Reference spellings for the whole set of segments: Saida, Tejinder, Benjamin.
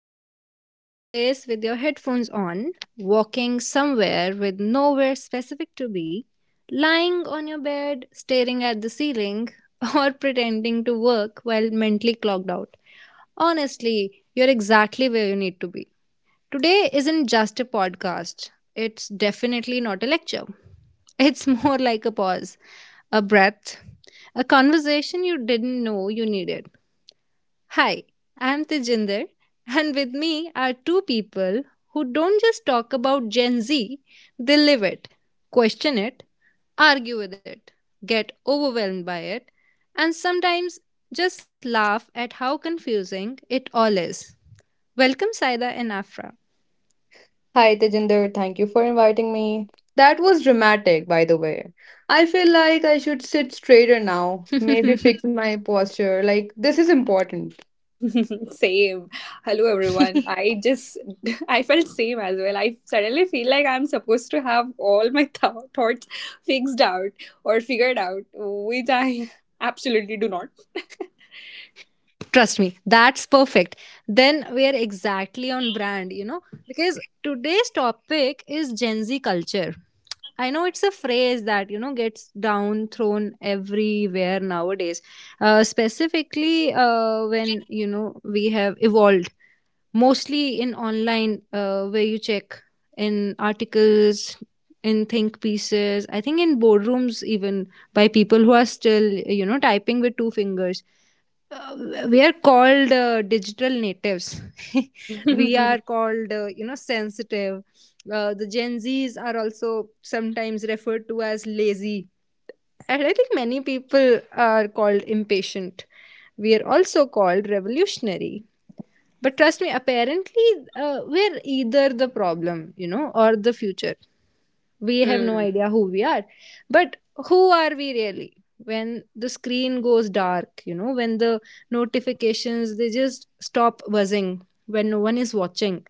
If you're listening to this with your headphones on, walking somewhere with nowhere specific to be, lying on your bed, staring at the ceiling, or pretending to work while mentally clogged out, honestly, you're exactly where you need to be. Today isn't just a podcast, it's definitely not a lecture. It's more like a pause, a breath, a conversation you didn't know you needed. Hi, I'm Tejinder, and with me are two people who don't just talk about Gen Z, they live it, question it, argue with it, get overwhelmed by it, and sometimes just laugh at how confusing it all is. Welcome, Saida and Afra. Hi Tejinder, thank you for inviting me. That was dramatic, by the way. I feel like I should sit straighter now, maybe fix my posture. Like, this is important. Same. Hello, everyone. I felt same as well. I suddenly feel like I'm supposed to have all my thoughts fixed out or figured out, which I absolutely do not. Trust me, that's perfect. Then we are exactly on brand, because today's topic is Gen Z culture. I know it's a phrase that gets down thrown everywhere nowadays, specifically when we have evolved mostly in online, where you check in articles, in think pieces, I think in boardrooms, even by people who are still typing with two fingers. We are called digital natives. We are called sensitive. The Gen Z's are also sometimes referred to as lazy, and I think many people are called impatient. We are also called revolutionary, but trust me, apparently we're either the problem or the future. We have no Hmm. idea who we are. But who are we really when the screen goes dark, when the notifications they just stop buzzing, when no one is watching?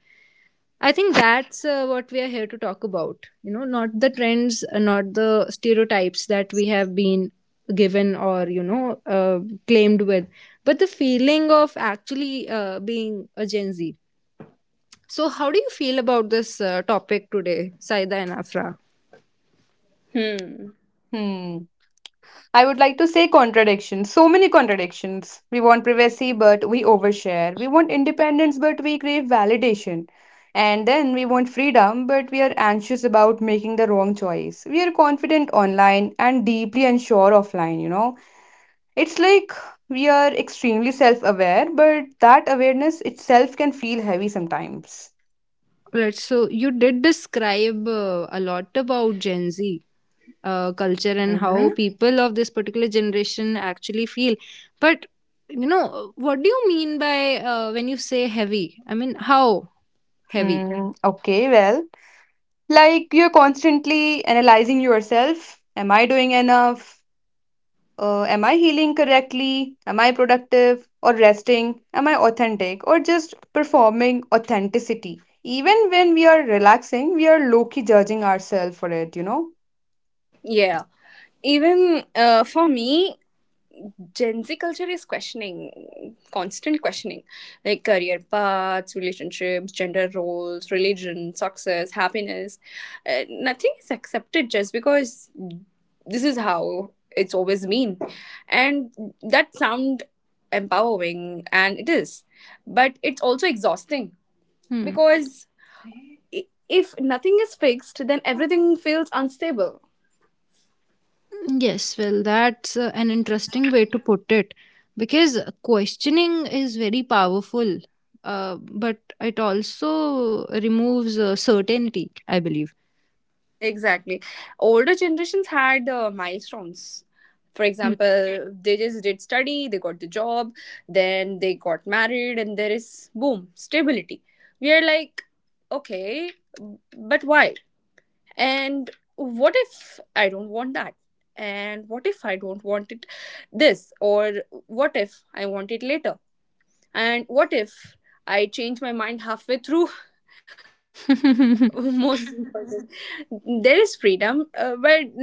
I think that's what we are here to talk about, not the trends, not the stereotypes that we have been given or claimed with, but the feeling of actually being a Gen Z. So how do you feel about this topic today, Saida and Afra? Hmm. Hmm. I would like to say contradictions. So many contradictions. We want privacy, but we overshare. We want independence, but we crave validation. And then we want freedom, but we are anxious about making the wrong choice. We are confident online and deeply unsure offline, It's like we are extremely self aware, but that awareness itself can feel heavy sometimes. Right. So you did describe a lot about Gen Z culture and how Hmm. people of this particular generation actually feel. But, you know, what do you mean by when you say heavy? I mean, how heavy? Okay, well, like you're constantly analyzing yourself. Am I doing enough? Am I healing correctly? Am I productive or resting? Am I authentic or just performing authenticity? Even when we are relaxing, we are low key judging ourselves for it. Yeah. Even for me, Gen Z culture is questioning, constant questioning, like career paths, relationships, gender roles, religion, success, happiness. Nothing is accepted just because this is how it's always been. And that sound empowering, and it is. But it's also exhausting Hmm. because if nothing is fixed, then everything feels unstable. Yes, well, that's an interesting way to put it, because questioning is very powerful, but it also removes certainty, I believe. Exactly. Older generations had milestones. For example, they just did study, they got the job, then they got married, and there is boom, stability. We are like, okay, but why? And what if I don't want that? And what if I don't want it this? Or what if I want it later? And what if I change my mind halfway through? Most Hmm. important. There is freedom, but no clear map.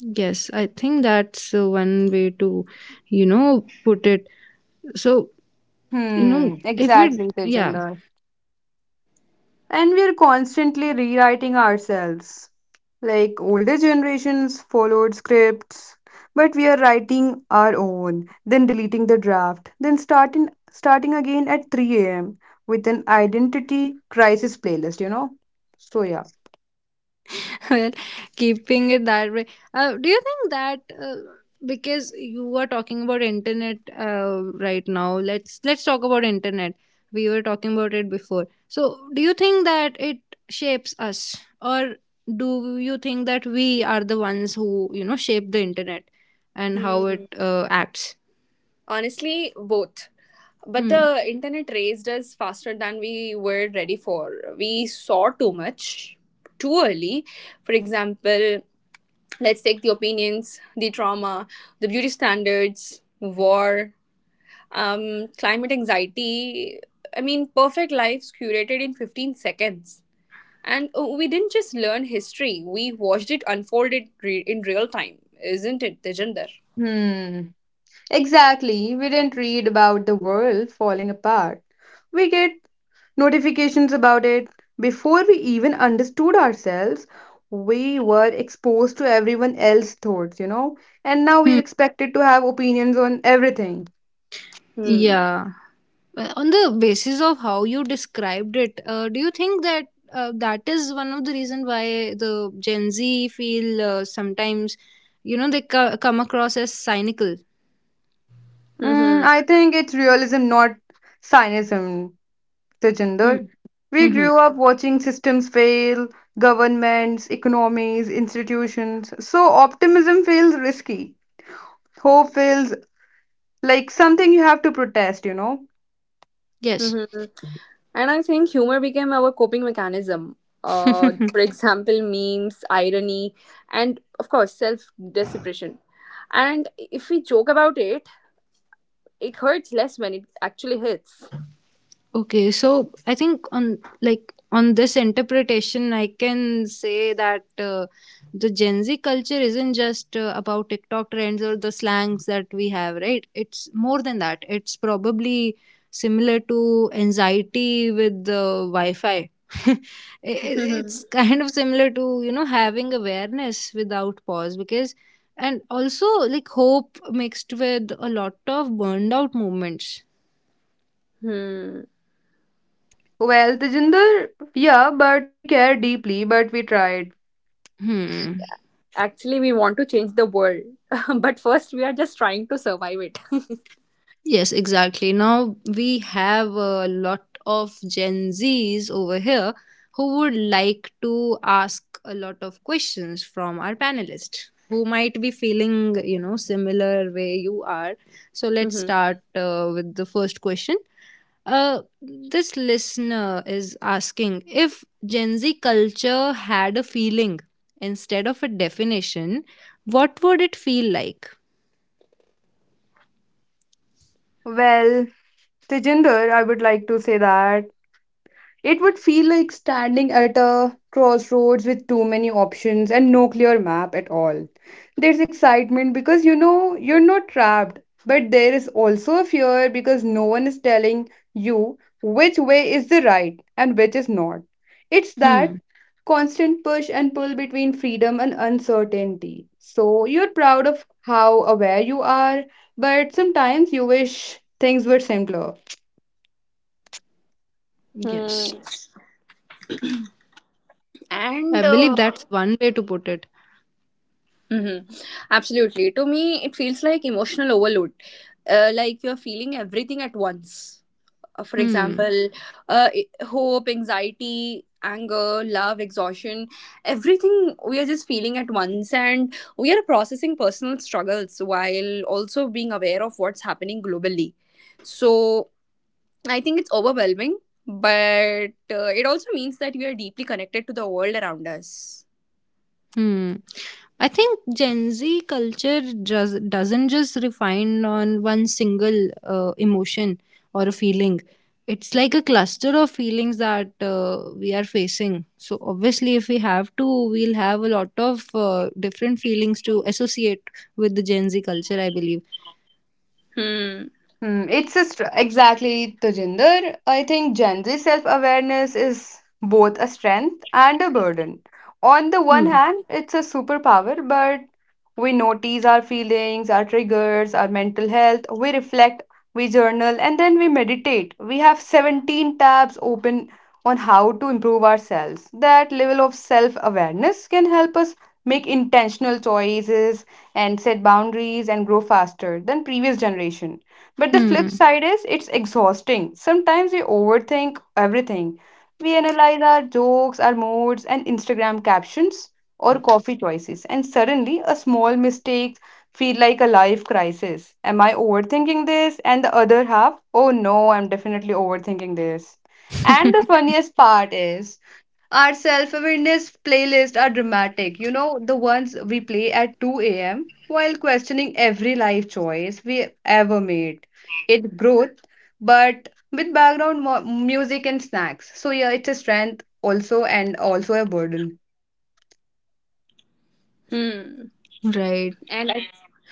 Yes, I think that's one way to, you know, put it. So, you know, Hmm, if we, exactly, yeah, Tejinder. And we are constantly rewriting ourselves. Like older generations followed scripts, but we are writing our own, then deleting the draft, then starting again at 3 a.m. with an identity crisis playlist. So yeah. well, keeping it that way. Do you think that because you were talking about internet right now, let's talk about internet. We were talking about it before. So, do you think that it shapes us, or do you think that we are the ones who, you know, shape the internet and how it Hmm. Acts? Honestly, both. But Hmm. the internet raised us faster than we were ready for. We saw too much too early. For example, let's take the opinions, the trauma, the beauty standards, war, climate anxiety. I mean, perfect lives curated in 15 seconds. And we didn't just learn history, we watched it unfolded in real time. Isn't it, Tejinder? Hmm. Exactly. We didn't read about the world falling apart. We get notifications about it. Before we even understood ourselves, we were exposed to everyone else's thoughts, and now we're Hmm. expected to have opinions on everything. Hmm. Yeah. Well, on the basis of how you described it, do you think that that is one of the reason why the Gen Z feel sometimes, you know, they come across as cynical? I think it's realism, not cynicism, Tejinder. Hmm. We Mm-hmm. grew up watching systems fail, governments, economies, institutions. So optimism feels risky. Hope feels like something you have to protest. Yes. Mm-hmm. And I think humor became our coping mechanism. For example, memes, irony, and of course, self deprecation. And if we joke about it, it hurts less when it actually hits. Okay, so I think on like on this interpretation, I can say that the Gen Z culture isn't just about TikTok trends or the slangs that we have, right? It's more than that. It's probably similar to anxiety with the Wi-Fi. I- it's kind of similar to, you know, having awareness without pause, because and also like hope mixed with a lot of burned out moments. Hmm. Well, Tejinder, yeah, but we care deeply, but we tried. Hmm. Actually, we want to change the world, but first, we are just trying to survive it. Yes, exactly. Now we have a lot of Gen Zs over here who would like to ask a lot of questions from our panelists who might be feeling, you know, similar way you are. So let's Mhm. start with the first question. This listener is asking, if Gen Z culture had a feeling instead of a definition, what would it feel like? Well, Tejinder, I would like to say that it would feel like standing at a crossroads with too many options and no clear map at all. There's excitement because you know you're not trapped, but there is also a fear because no one is telling you which way is the right and which is not. It's that Hmm. constant push and pull between freedom and uncertainty. So you're proud of how aware you are, but sometimes you wish things were simpler. Hmm. Yes. I And believe that's one way to put it. mhm. absolutely, to me, it feels like emotional overload. Like you're feeling everything at once. For Hmm. example, hope, anxiety, anger, love, exhaustion. Everything we are just feeling at once, and we are processing personal struggles while also being aware of what's happening globally. So I think it's overwhelming, but it also means that we are deeply connected to the world around us. Hmm. I think Gen Z culture just doesn't just refine on one single emotion or a feeling. It's like a cluster of feelings that we are facing. So obviously, if we have to, we'll have a lot of different feelings to associate with the Gen Z culture, I believe. Hmm. Hmm, exactly, Tajinder. I think Gen Z self-awareness is both a strength and a burden. On the one Hmm. hand, it's a superpower, but we notice our feelings, our triggers, our mental health. We reflect, we journal, and then we meditate. We have 17 tabs open on how to improve ourselves. That level of self-awareness can help us make intentional choices and set boundaries and grow faster than previous generation, but the flip Hmm. side is it's exhausting. Sometimes we overthink everything. We analyze our jokes, our moods, and Instagram captions or coffee choices, and suddenly a small mistake feel like a life crisis. Am I overthinking this? And the other half, oh no, I'm definitely overthinking this. And the funniest part is our self-awareness playlists are dramatic. The ones we play at 2 a.m. while questioning every life choice we ever made. It growth, but with background mo music and snacks. So yeah, it's a strength also and also a burden. Hmm. Right. and I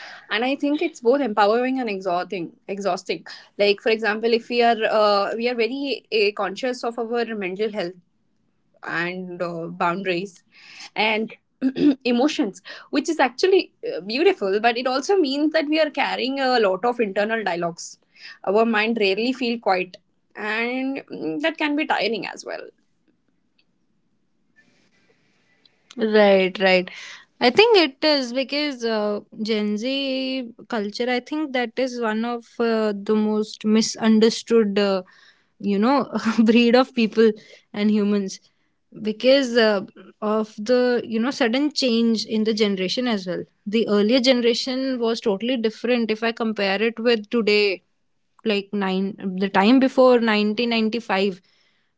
and i think it's both empowering and exhausting. Like, for example, if we are very conscious of our mental health and boundaries and emotions, which is actually beautiful. But it also means that we are carrying a lot of internal dialogues. Our mind rarely feel quiet, and that can be tiring as well. Right, right. I think it is because Gen Z culture, I think that is one of the most misunderstood, you know, breed of people and humans, because of the, you know, sudden change in the generation as well. The earlier generation was totally different if I compare it with today, like nine the time before 1995,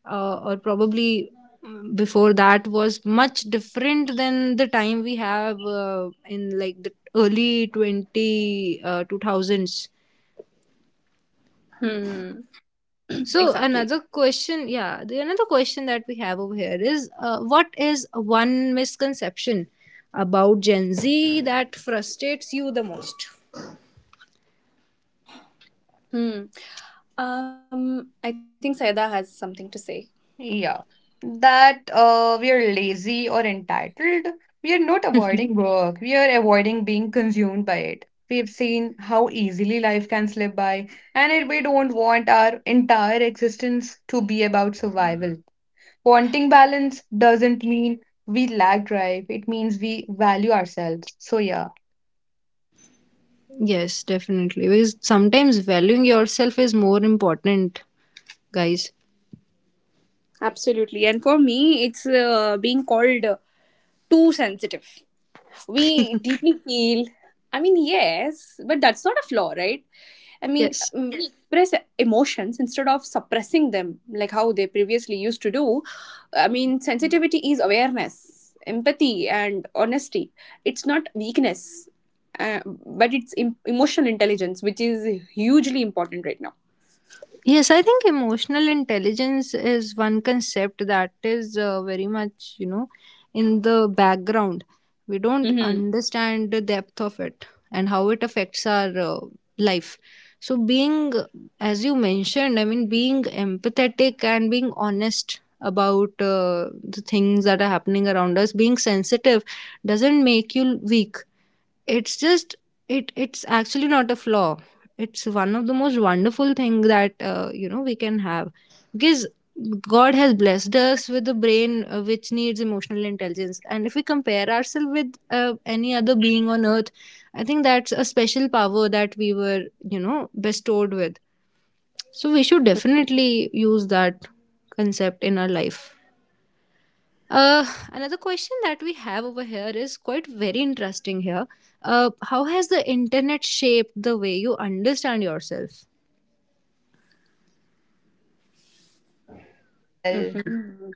or probably before that, was much different than the time we have in like the early 20 2000s. Hmm. So Exactly. another question, yeah, the another question that we have over here is, what is one misconception about Gen Z that frustrates you the most? Hmm. um I think Saida has something to say. Yeah, that we are lazy or entitled. We are not avoiding work. We are avoiding being consumed by it. We've seen how easily life can slip by, and it, we don't want our entire existence to be about survival. Wanting balance doesn't mean we lack drive. It means we value ourselves. So yeah. Yes, definitely. Because sometimes valuing yourself is more important, guys. Absolutely. And for me, it's being called too sensitive. We deeply feel, I mean, yes, but that's not a flaw, right? I mean, Yes. We, yes, express emotions instead of suppressing them like how they previously used to do. I mean, sensitivity is awareness, empathy, and honesty. It's not weakness, uh, but it's emotional intelligence, which is hugely important right now. Yes, I think emotional intelligence is one concept that is very much, you know, in the background. We don't Mm-hmm. understand the depth of it and how it affects our life. So, being, as you mentioned, I mean, being empathetic and being honest about the things that are happening around us, being sensitive, doesn't make you weak. It's just, it's actually not a flaw. It's one of the most wonderful thing that, you know, we can have, because God has blessed us with a brain which needs emotional intelligence, and if we compare ourselves with any other being on earth, I think that's a special power that we were, you know, bestowed with. So we should definitely use that concept in our life. uh, Another question that we have over here is quite very interesting here. How has the internet shaped the way you understand yourself? Well, Mm-hmm.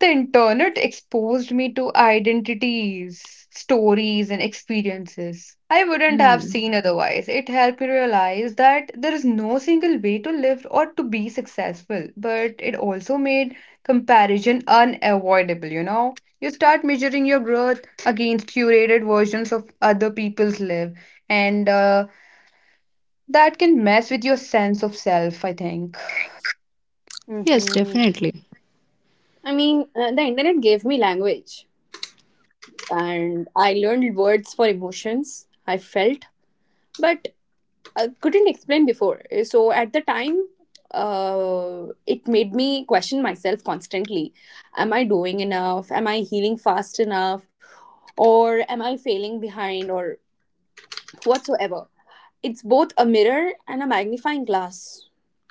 the internet exposed me to identities, stories, and experiences I wouldn't have Hmm. seen otherwise. It helped me realize that there is no single way to live or to be successful, but it also made comparison unavoidable, you know? You start measuring your growth against curated versions of other people's live, and that can mess with your sense of self, I think. Yes, Mm-hmm. definitely. I mean, the internet gave me language, and I learned words for emotions I felt, but I couldn't explain before. So at the time, it made me question myself constantly. Am I doing enough? Am I healing fast enough? Or am I failing behind or whatsoever? It's both a mirror and a magnifying glass.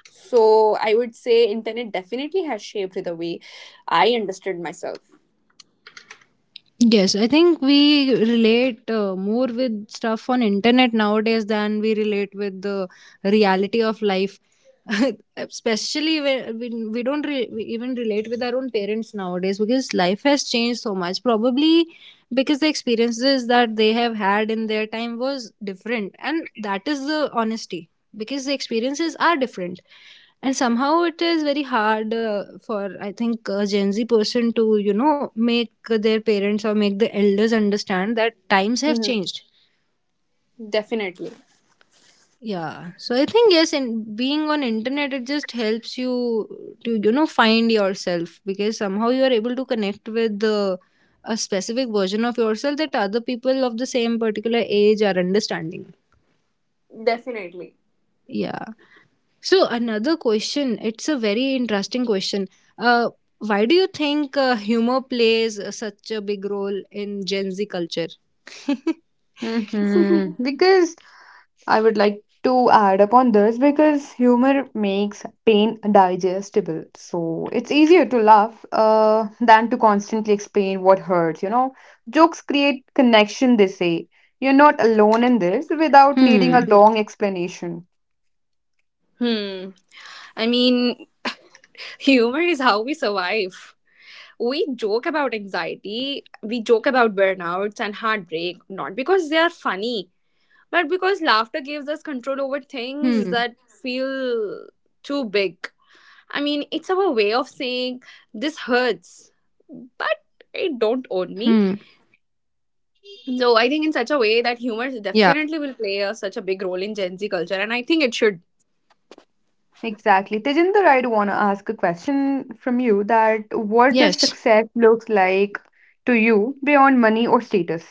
So I would say internet definitely has shaped the way I understood myself. Yes, I think we relate more with stuff on internet nowadays than we relate with the reality of life. Especially when we don't re- we even relate with our own parents nowadays, because life has changed so much. Probably because the experiences that they have had in their time was different, and that is the honesty, because the experiences are different, and somehow it is very hard for, I think, a Gen Z person to, you know, make their parents or make the elders understand that times have Mhm. changed. Definitely. Yeah, so I think, yes, in being on internet, it just helps you to, you know, find yourself, because somehow you are able to connect with the, a specific version of yourself that other people of the same particular age are understanding. Definitely. Yeah. So another question, it's a very interesting question. Uh, why do you think humor plays such a big role in Gen Z culture? Hmm. Because I would like to add upon this because humor makes pain digestible. So it's easier to laugh than to constantly explain what hurts. Jokes create connection, they say. You're not alone in this without needing a Hmm. long explanation. Hmm. I mean, humor is how we survive. We joke about anxiety, we joke about burnouts and heartbreak, not because they are funny, but because laughter gives us control over things Hmm. that feel too big. I mean, it's our way of saying this hurts, but it don't own me. Hmm. So I think in such a way that humor Yeah. definitely will play such a big role in Gen Z culture, and I think it should. Exactly. Tejinder, I do want to ask a question from you that what does Yes. success looks like to you beyond money or status?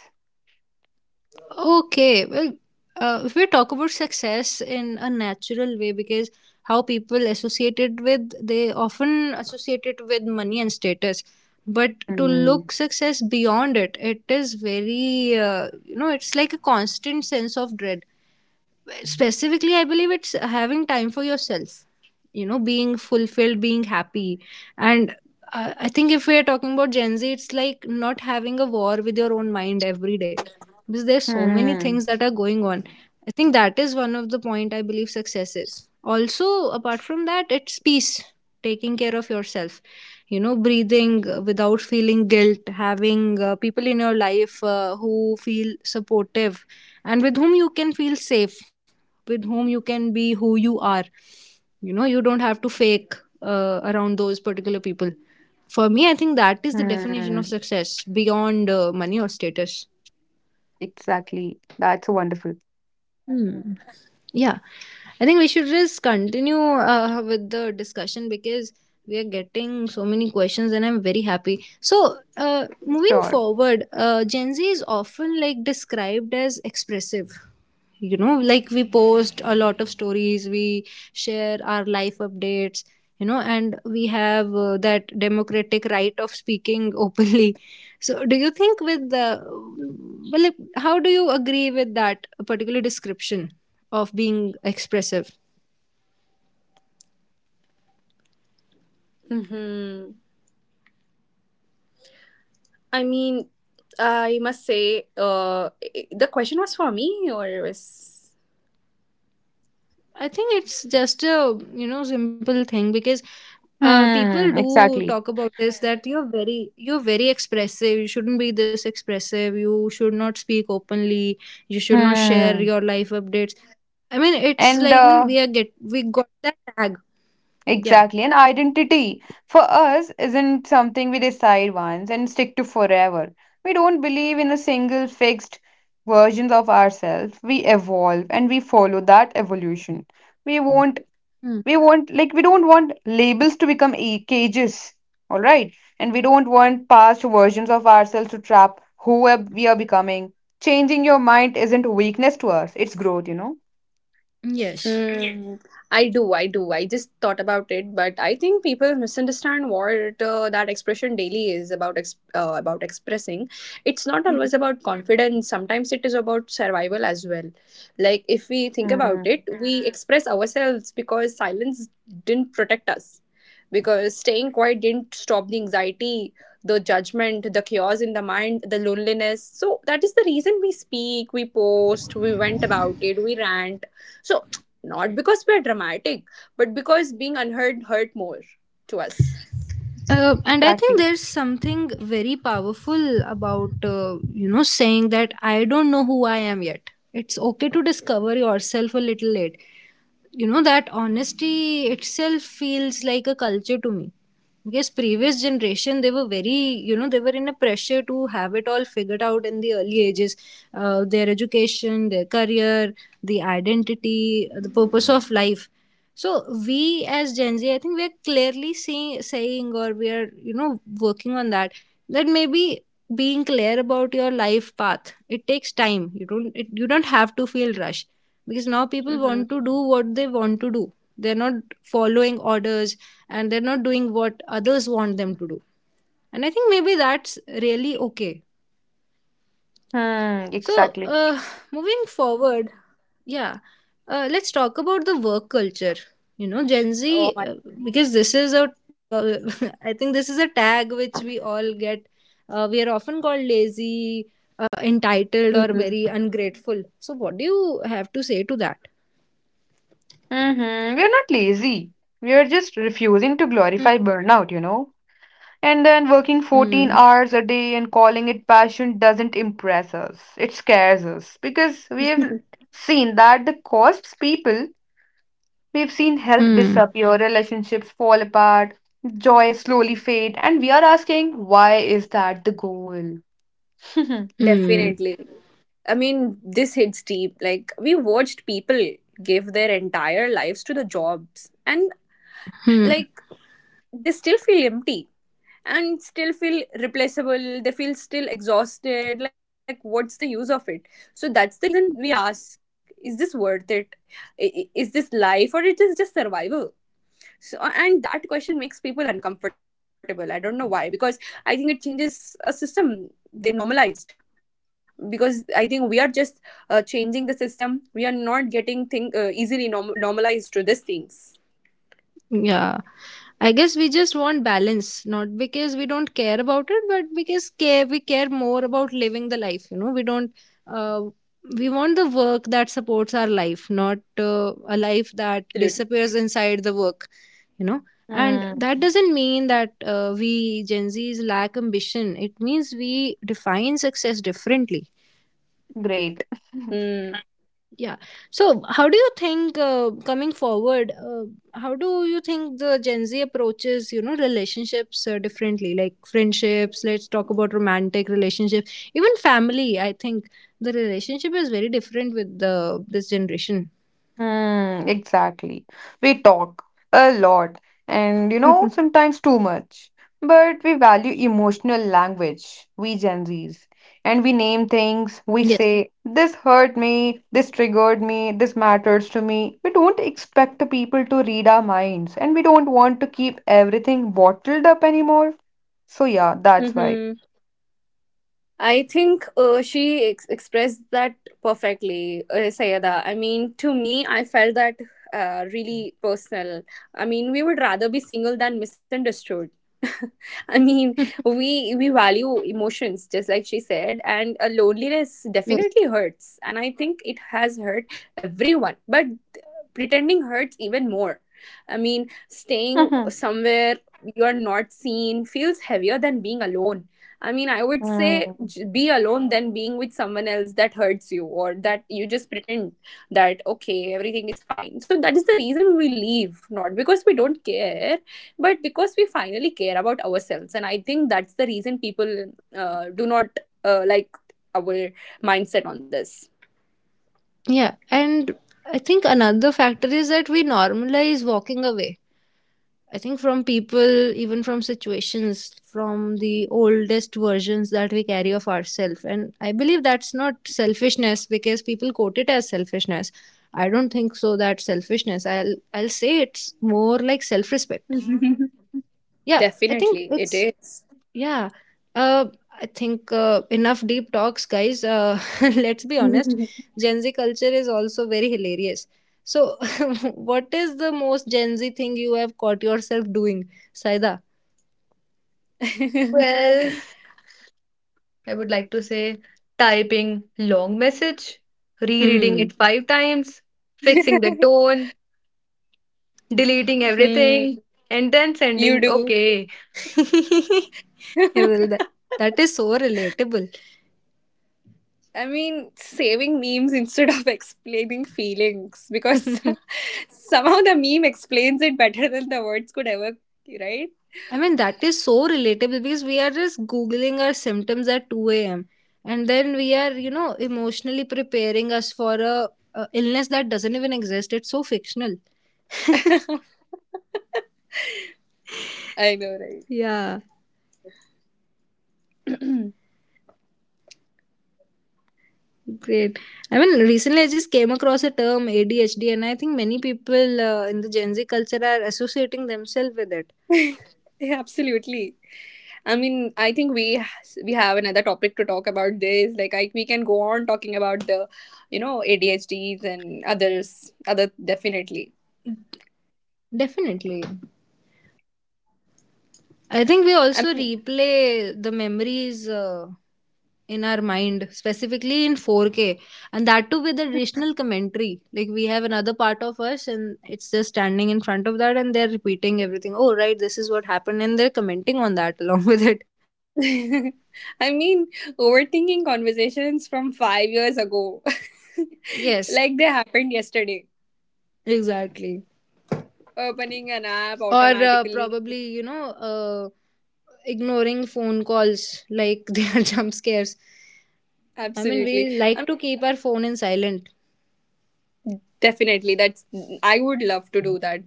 Okay. Well, if we talk about success in a natural way, because how people associate it with, they often associate it with money and status. But to Hmm. look success beyond it, it is very, you know, it's like a constant sense of dread. Specifically, I believe it's having time for yourself, you know, being fulfilled, being happy. And I think if we are talking about Gen Z, it's like not having a war with your own mind every day, because there's so many Hmm. things that are going on. I think that is one of the point I believe success is. Also apart from that, it's peace, taking care of yourself, you know, breathing without feeling guilt, having people in your life who feel supportive and with whom you can feel safe, with whom you can be who you are. You know, you don't have to fake around those particular people. For me, I think that is Hmm. the definition of success beyond money or status. Exactly. That's wonderful. Yeah, I think we should just continue with the discussion, because we are getting so many questions and I'm very happy. So, moving Sure. forward, Gen Z is often like described as expressive. You know, like we post a lot of stories, we share our life updates, you know, and we have that democratic right of speaking openly. So, do you think with the, well, like, how do you agree with that particular description of being expressive? Hmm. I mean, I must say, the question was for me, or it was. I think it's just a, you know, simple thing, because people Hmm. do Exactly. talk about this that you're very expressive, you shouldn't be this expressive, you should not speak openly, you should not share Hmm. your life updates. I mean, it's And like we are get we got that tag. Yeah. exactly. And identity for us isn't something we decide once and stick to forever. We don't believe in a single fixed versions of ourselves. We evolve and we follow that evolution. We won't Hmm. we want, like, we don't want labels to become cages, all right, and we don't want past versions of ourselves to trap who we are becoming. Changing your mind isn't weakness to us, it's growth. Yes. Hmm. I do, I do. I just thought about it, but I think people misunderstand what that expression daily is about. About expressing, it's not always about confidence. Sometimes it is about survival as well. Like, if we think about Hmm. it, we express ourselves because silence didn't protect us, because staying quiet didn't stop the anxiety, the judgment, the chaos in the mind, the loneliness. So that is the reason we speak, we post, we went about it, we rant. So not because we're dramatic, but because being unheard hurt more to us. And I think Exactly. there's something very powerful about saying that I don't know who I am yet. It's okay to discover yourself a little late. You know, that honesty itself feels like a culture to me, because previous generation they were very, they were in a pressure to have it all figured out in the early ages. Their education, their career, the identity, the purpose of life. So we as Gen Z, I think we're saying, or we are working on that, that maybe being clear about your life path, it takes time. You don't have to feel rushed, because now people Mhm. want to do what they want to do. They're not following orders, and they're not doing what others want them to do. And I think maybe that's really okay. Hmm. So, Exactly. Moving forward, yeah, let's talk about the work culture. You know, Gen Oh Z, my. Because this is a, uh, I think this is a tag which we all get. We are often called lazy, entitled, or Mhm. very ungrateful. So, what do you have to say to that? Mm-hmm. We're not lazy, we're just refusing to Hmm. glorify burnout, and then working 14 Hmm. hours a day and calling it passion doesn't impress us, it scares us, because we have seen that the costs people— we've seen health Hmm. disappear, relationships fall apart, joy slowly fade, and we are asking, why is that the goal? Hmm. Definitely. I mean, this hits deep. Like, we watched people give their entire lives to the jobs, and Hmm. like, they still feel empty and still feel replaceable. They feel still exhausted. Like, what's the use of it? So, that's the reason we ask, is this worth it? Is this life or it is just survival? So, and that question makes people uncomfortable. I don't know why, because I think it changes a system they normalized. Because I think we are just changing the system. We are not getting thing easily normalized to these things. Yeah. I guess we just want balance, not because we don't care about it, but because care we care more about living the life. You know, we don't. Uh, we want the work that supports our life, not a life that Absolutely. disappears inside the work. You know, and that Hmm. doesn't mean that we Gen Zs lack ambition. It means we define success differently. Great. Mm. Hmm. Yeah, so how do you think coming forward how do you think the Gen Z approaches, you know, relationships differently? Like friendships, let's talk about romantic relationships, even family. I think the relationship is very different with the this generation. Hmm, exactly. We talk a lot and, you know, sometimes too much. But we value emotional language, we Gen Zs. And we name things, we Yes. say, this hurt me, this triggered me, this matters to me. We don't expect the people to read our minds and we don't want to keep everything bottled up anymore. So, yeah, that's why. Mm-hmm. I think she expressed that perfectly, Sayada. I mean, to me, I felt that really personal. I mean, we would rather be single than misunderstood. I mean, we value emotions just like she said, and loneliness Yes. definitely hurts, and I think it has hurt everyone. But pretending hurts even more. I mean, staying somewhere you are not seen feels heavier than being alone. I mean, I would say Hmm. Be alone than being with someone else that hurts you or that you just pretend that okay, everything is fine. So that is the reason we leave, not because we don't care, but because we finally care about ourselves. And I think that's the reason people do not like our mindset on this. Yeah, and I think another factor is that we normalize walking away, I think, from people, even from situations, from the oldest versions that we carry of ourselves. And I believe that's not selfishness, because people quote it as selfishness. I don't think so that selfishness. I'll say it's more like self-respect. Yeah, I think Definitely, it it's is. yeah. Uh, I think enough deep talks, guys. Let's be honest. Gen Z culture is also very hilarious. So, what is the most Gen Z thing you have caught yourself doing, Saida? hmm, Well, I would like to say typing long message, rereading Hmm. it 5 times, fixing the tone, deleting everything, and then you sending do. okay. Well, that is so relatable. I mean, saving memes instead of explaining feelings because somehow the meme explains it better than the words could ever, right? I mean, that is so relatable because we are just Googling our symptoms at 2 a.m. and then we are, you know, emotionally preparing us for a illness that doesn't even exist. It's so fictional. I know, right? Yeah, great. I mean, recently I just came across a term ADHD, and I think many people in the Gen Z culture are associating themselves with it. Yeah, absolutely. I mean, I think we have another topic to talk about this. Like, we can go on talking about the ADHDs and others, other definitely. Definitely. I think we I also mean, replay the memories in our mind, specifically in 4K, and that too with additional commentary. Like we have another part of us, and it's just standing in front of that, and they're repeating everything. Oh, right, this is what happened, and they're commenting on that along with it. I mean, overthinking conversations from 5 years ago, Yes, like they happened yesterday. exactly. Opening an app Or uh, automatically, probably, you know, uh, ignoring phone calls like they are jump scares. I mean, we absolutely. I like to keep our phone in silent. mean, definitely. That's I would love to do that.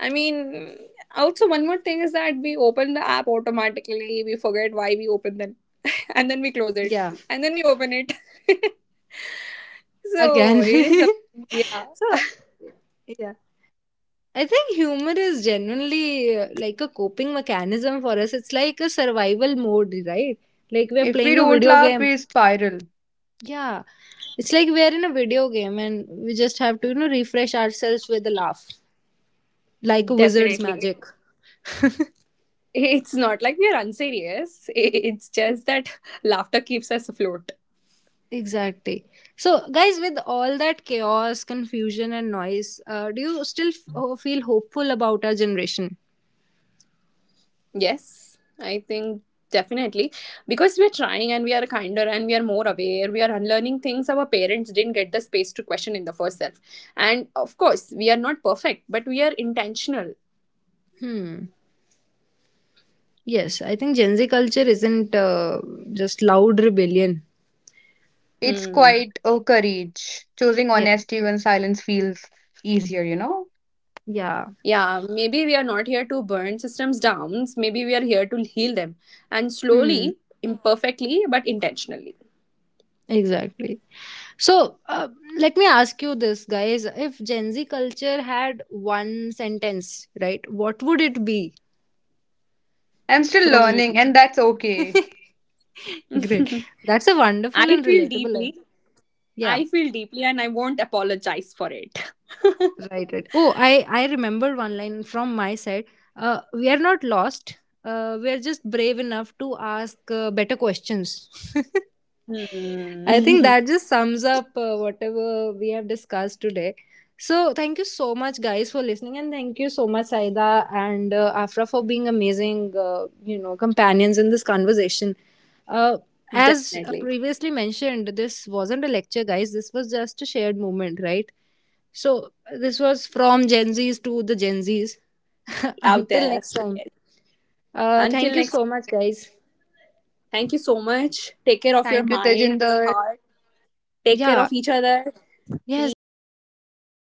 I mean, also one more thing is that we open the app automatically. We forget why we open it, and then we close it, Yeah. and then we open it. So Again. it is, yeah, So, yeah. I think humor is genuinely like a coping mechanism for us. It's like a survival mode, right? Like we're If we playing a don't video laugh, game. we spiral. Yeah. It's like we're in a video game and we just have to, you know, refresh ourselves with a laugh, like a wizard's definitely. magic. It's not like we are unserious. It's just that laughter keeps us afloat. Exactly. So, guys, with all that chaos, confusion, and noise, do you still feel hopeful about our generation? Yes, I think definitely because we're trying and we are kinder and we are more aware. We are unlearning things our parents didn't get the space to question in the first self. And of course, we are not perfect, but we are intentional. Hmm. Yes, I think Gen Z culture isn't just loud rebellion. It's Hmm. quite a courage. Choosing Yeah. honesty when silence feels easier. Yeah. Yeah, maybe we are not here to burn systems down. Maybe we are here to heal them. And Hmm. slowly, imperfectly, but intentionally. Exactly. So, let me ask you this, guys. If Gen Z culture had one sentence, right, what would it be I'm still from? Hmm. learning, and that's okay. Great. That's a wonderful I and feel relatable deeply. line. Yeah. I feel deeply, and I won't apologize for it. Right. Right. Oh, I remembered one line from my side. We are not lost. We are just brave enough to ask better questions. I think Hmm. that just sums up whatever we have discussed today. So, thank you so much, guys, for listening, and thank you so much, Saida, and Afra, for being amazing, companions in this conversation. Uh, as Definitely. previously mentioned, this wasn't a lecture, guys. This was just a shared moment, right? So, this was from Gen Zs to the Gen Zs. Out Until there. next time, Yes. Thank Until you next time, so much, guys. thank you so much. Take care of your Thank you, mind, your Tejinder. heart. Take care Yeah, of each other. yes, definitely. Please. Take care of